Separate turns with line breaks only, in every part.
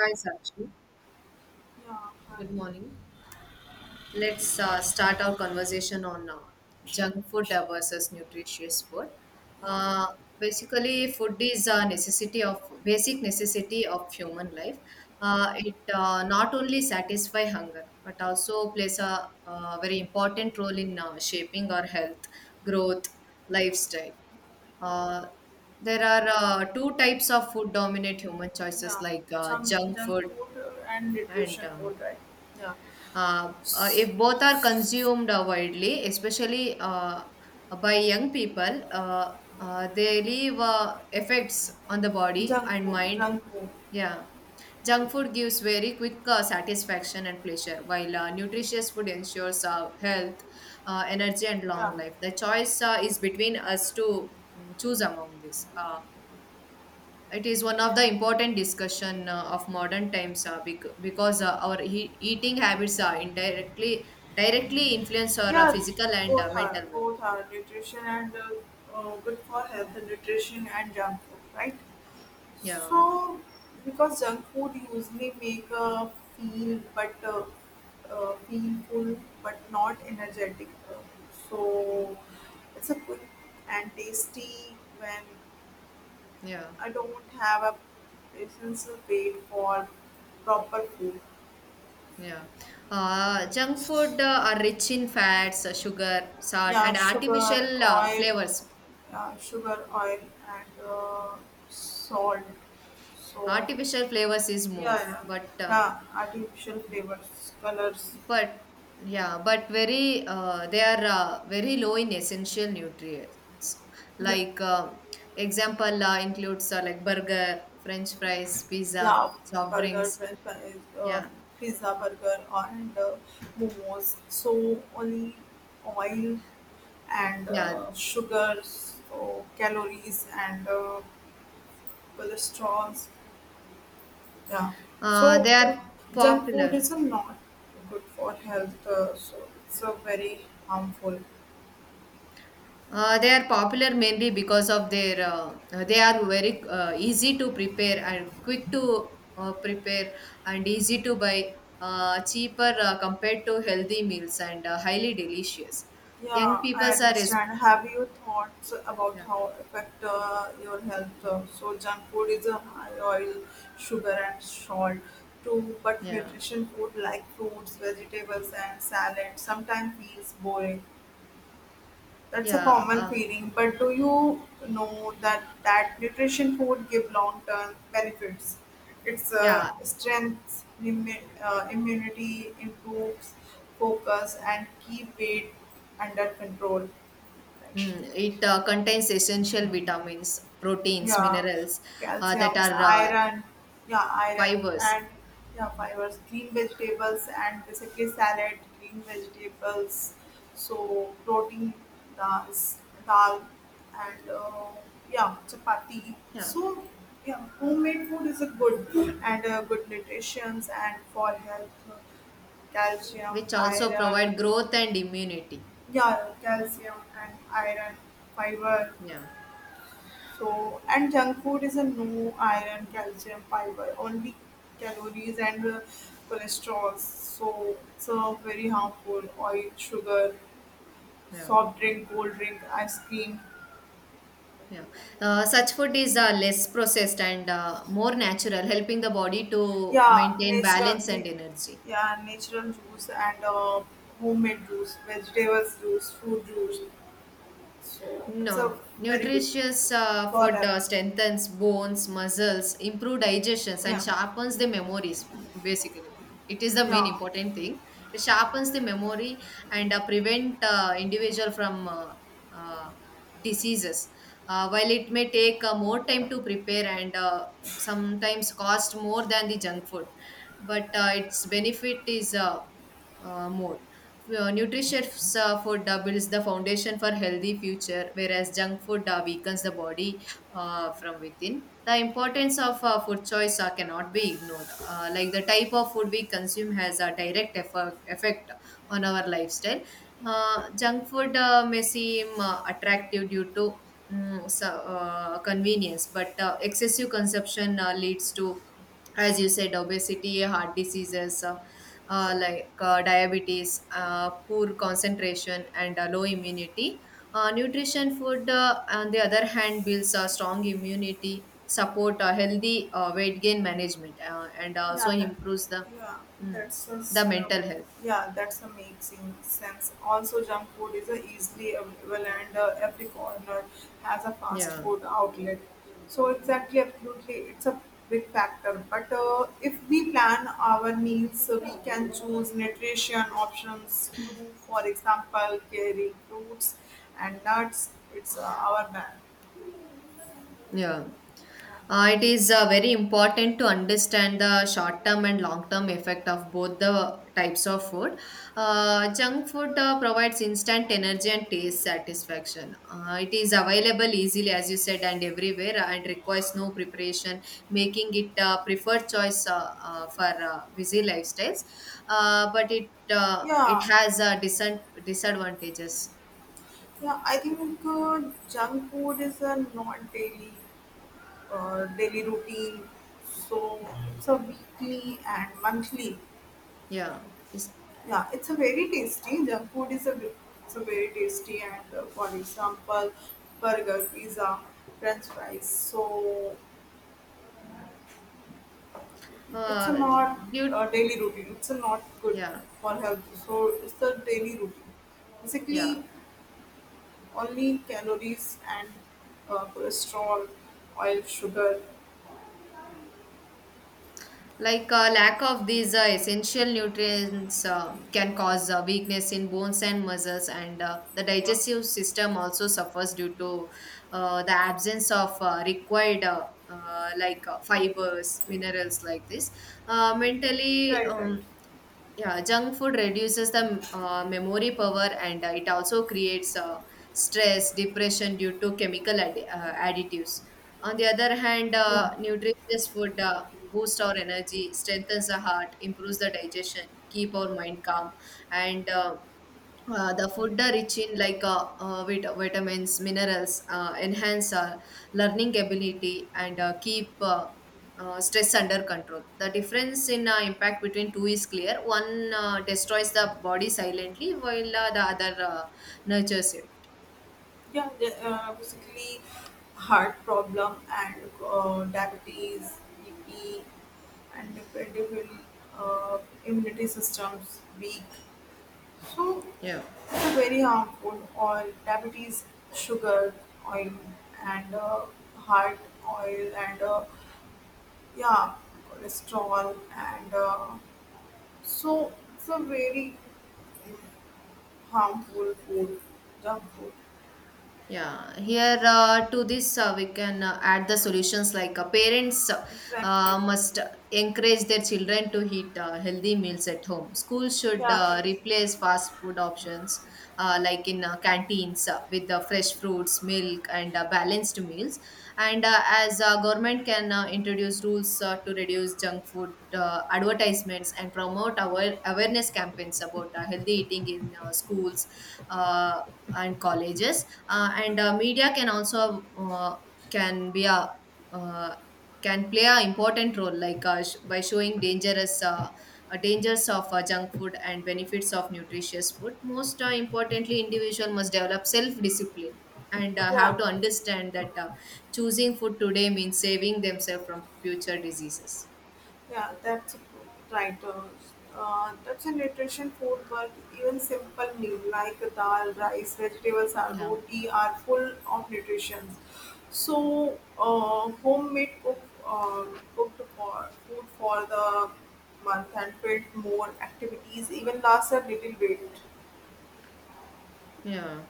Hi, Sakshi.
Yeah, hi.
Good morning. Let's start our conversation on junk food versus nutritious food. Uh, Basically, food is a necessity of basic necessity of human life. It not only satisfy hunger but also plays a, very important role in shaping our health, growth, lifestyle. Uh, there are two types of food dominate human choices
Yeah,
like
junk,
junk
junk
food
food and
and
nutrition food, right? Yeah, S-
If both are consumed widely, especially by young people, they leave effects on the body
junk
and
food,
mind.
junk food.
Yeah. Junk food gives very quick satisfaction and pleasure, while nutritious food ensures health, energy, and
Yeah,
long life. The choice is between us to choose among these. It is one of
yeah,
the important discussion of modern times because our eating habits are indirectly directly influence our
yeah.
physical and
Both are
mental
both
well-being.
are nutrition and good for health. Nutrition and junk food, right?
Yeah,
So because junk food usually make feel but feel full but not energetic. So it's a quick and tasty when
yeah,
I don't have a patience to wait for proper food.
yeah, junk food are rich in fats sugar salt
Yeah,
and
sugar,
artificial
oil,
flavors
yeah, sugar, oil, and salt. So,
artificial flavors is more
yeah, yeah, yeah, artificial flavors, colors.
but yeah, but very they are very low in essential nutrients.
Yeah,
Like example includes like burger, French fries, pizza,
yeah,
soft
burger,
drinks.
French fries,
Yeah,
pizza, burger, and momos. So, only oil and
yeah.
sugars, so calories, and cholesterol. Yeah. So
They
uh,
are
junk food
popular.
is a not good for health. So it's a very harmful.
They are popular mainly because of their they are very easy to prepare and quick to prepare and easy to buy cheaper
Yeah.
compared to healthy meals and highly delicious young
Yeah,
people
I
are
understand. Have you thoughts about
yeah,
how affect your health? So junk food is a high oil, sugar and salt too, but
yeah,
nutrition food like fruits, vegetables and salad sometimes feels boring. That's a
yeah,
common feeling, but do you know that that nutrition food give long term benefits? It's
yeah.
strengths, immunity, improves focus, and keep weight under control.
It contains essential vitamins proteins
Yeah,
minerals that
calciums,
are
iron, yeah, iron,
fibers,
and yeah, fibers, green vegetables, and basically salad, green vegetables, so protein, dal, dal and yeah, chapati.
yeah,
So, yeah, homemade food is a good and good nutrition and for health, calcium,
which also
iron,
provide growth and immunity.
yeah, calcium and iron, fiber,
Yeah,
so, and junk food is a no iron, calcium, fiber, only calories and cholesterol. So, it's a very harmful. Oil, sugar,
yeah.
soft drink, cold drink, ice cream.
Yeah. Such food is less processed and more natural, helping the body to
Yeah,
maintain
natural.
balance and energy.
Yeah, natural juice and homemade juice, vegetables juice, fruit juice. So, it's a
No,
very good
nutritious
for
food
health.
strengthens bones, muscles, improve digestions, and
Yeah,
sharpens the memories. Basically, it is the main
yeah.
important thing. It sharpens the memory and prevent individual from uh, diseases. While it may take more time to prepare and sometimes cost more than the junk food, but its benefit is more. Nutritious food builds the foundation for healthy future whereas junk food weakens the body from within. The importance of food choice cannot be ignored, like the type of food we consume has a direct effect on our lifestyle. Junk food may seem attractive due to convenience, but excessive consumption leads to, as you said, obesity, heart diseases. Like diabetes, poor concentration, and low immunity. Nutrition food, on the other hand, builds a strong immunity, support a healthy weight gain management, and also
Yeah,
improves the
yeah,
mm,
that's
the
just, um,
mental health.
yeah, that's a amazing sense. Also, junk food is a easily available, and every corner has a fast
Yeah.
food outlet. So exactly, absolutely, it's a big factor. But if we plan our meals, so we can choose nutrition options to, for example, carry fruits and nuts. It's our bad.
Yeah.
Yeah,
It is very important to understand the short term and long term effect of both the types of food. Junk food provides instant energy and taste satisfaction. It is available easily, as you said, and everywhere, and requires no preparation, making it a preferred choice for busy lifestyles. But it it
yeah.
has disadvantages.
Yeah, I think junk food is a not daily. Daily routine. So it's a weekly and monthly.
Yeah. It's-
Yeah, it's a very tasty. Junk food is a ve- It's a very tasty and for example, burger, pizza, French fries. So it's a
Uh,
not a
due,
daily routine. It's a not good
yeah.
for health. So it's a daily routine.
Yeah.
Basically, only calories and cholesterol, oil, sugar.
Like a lack of these essential nutrients can cause weakness in bones and muscles and the
Yeah.
digestive system also suffers due to the absence of required like fibers minerals like this. Mentally,
Right, right.
yeah, junk food reduces the memory power, and it also creates stress depression due to chemical additives. On the other hand,
Yeah.
nutritious food boosts our energy, strengthens the heart, improves the digestion, keep our mind calm, and the food are rich in like vitamins, minerals, enhance learning ability, and keep stress under control. The difference in impact between two is clear. One destroys the body silently, while the other nurtures it.
Yeah, basically heart problem and diabetes, BP, and dependable uh, immunity systems weak. So
Yeah.
it's a very harmful. Oil, diabetes, sugar, oil, and heart oil, and yeah, cholesterol, and so it's a very harmful food, junk food.
Yeah, here to this we can add the solutions like parents
Exactly.
must encourage their children to eat healthy meals at home. Schools should
Yeah. It's,
replace fast food options like in canteens with the fresh fruits, milk, and balanced meals. And as government can introduce rules to reduce junk food advertisements and promote awareness campaigns about healthy eating in schools. Uh, and colleges and media can also can be a uh, can play a important role like by showing dangerous dangers of junk food and benefits of nutritious food. Most importantly, individual must develop self discipline and
yeah.
have to understand that choosing food today means saving themselves from future diseases.
Yeah, that's right. That's a nutrition food, but even simple meal like dal, rice, vegetables, or
Yeah,
roti are full of nutrition. So, homemade cooked for food for the month and build more activities, even last a little bit.
yeah,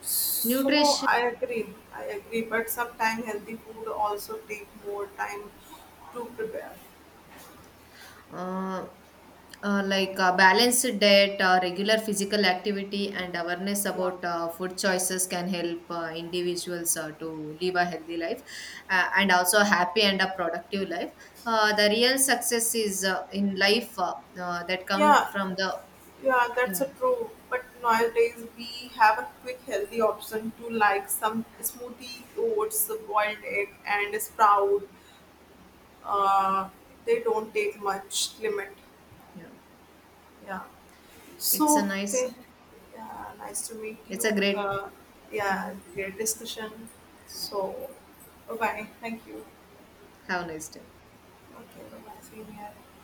So,
nutrition
I agree. I agree. But sometimes healthy food also take more time to prepare.
uh, like a balanced diet, regular physical activity, and awareness
Yeah.
about food choices can help individuals to live a healthy life and also a happy and a productive life. The real success is in life that come
Yeah,
from the
yeah,
yeah,
that's a true. But nowadays we have a quick, healthy option to like some smoothie, oats, boiled egg, and sprout. Uh, they don't take much limit.
yeah.
Yeah.
It's a
So,
nice.
yeah, nice to meet
It's
you.
a great.
Uh,
uh,
yeah, great discussion. So, bye bye. Thank you.
have a nice day.
Okay, bye bye. See you here.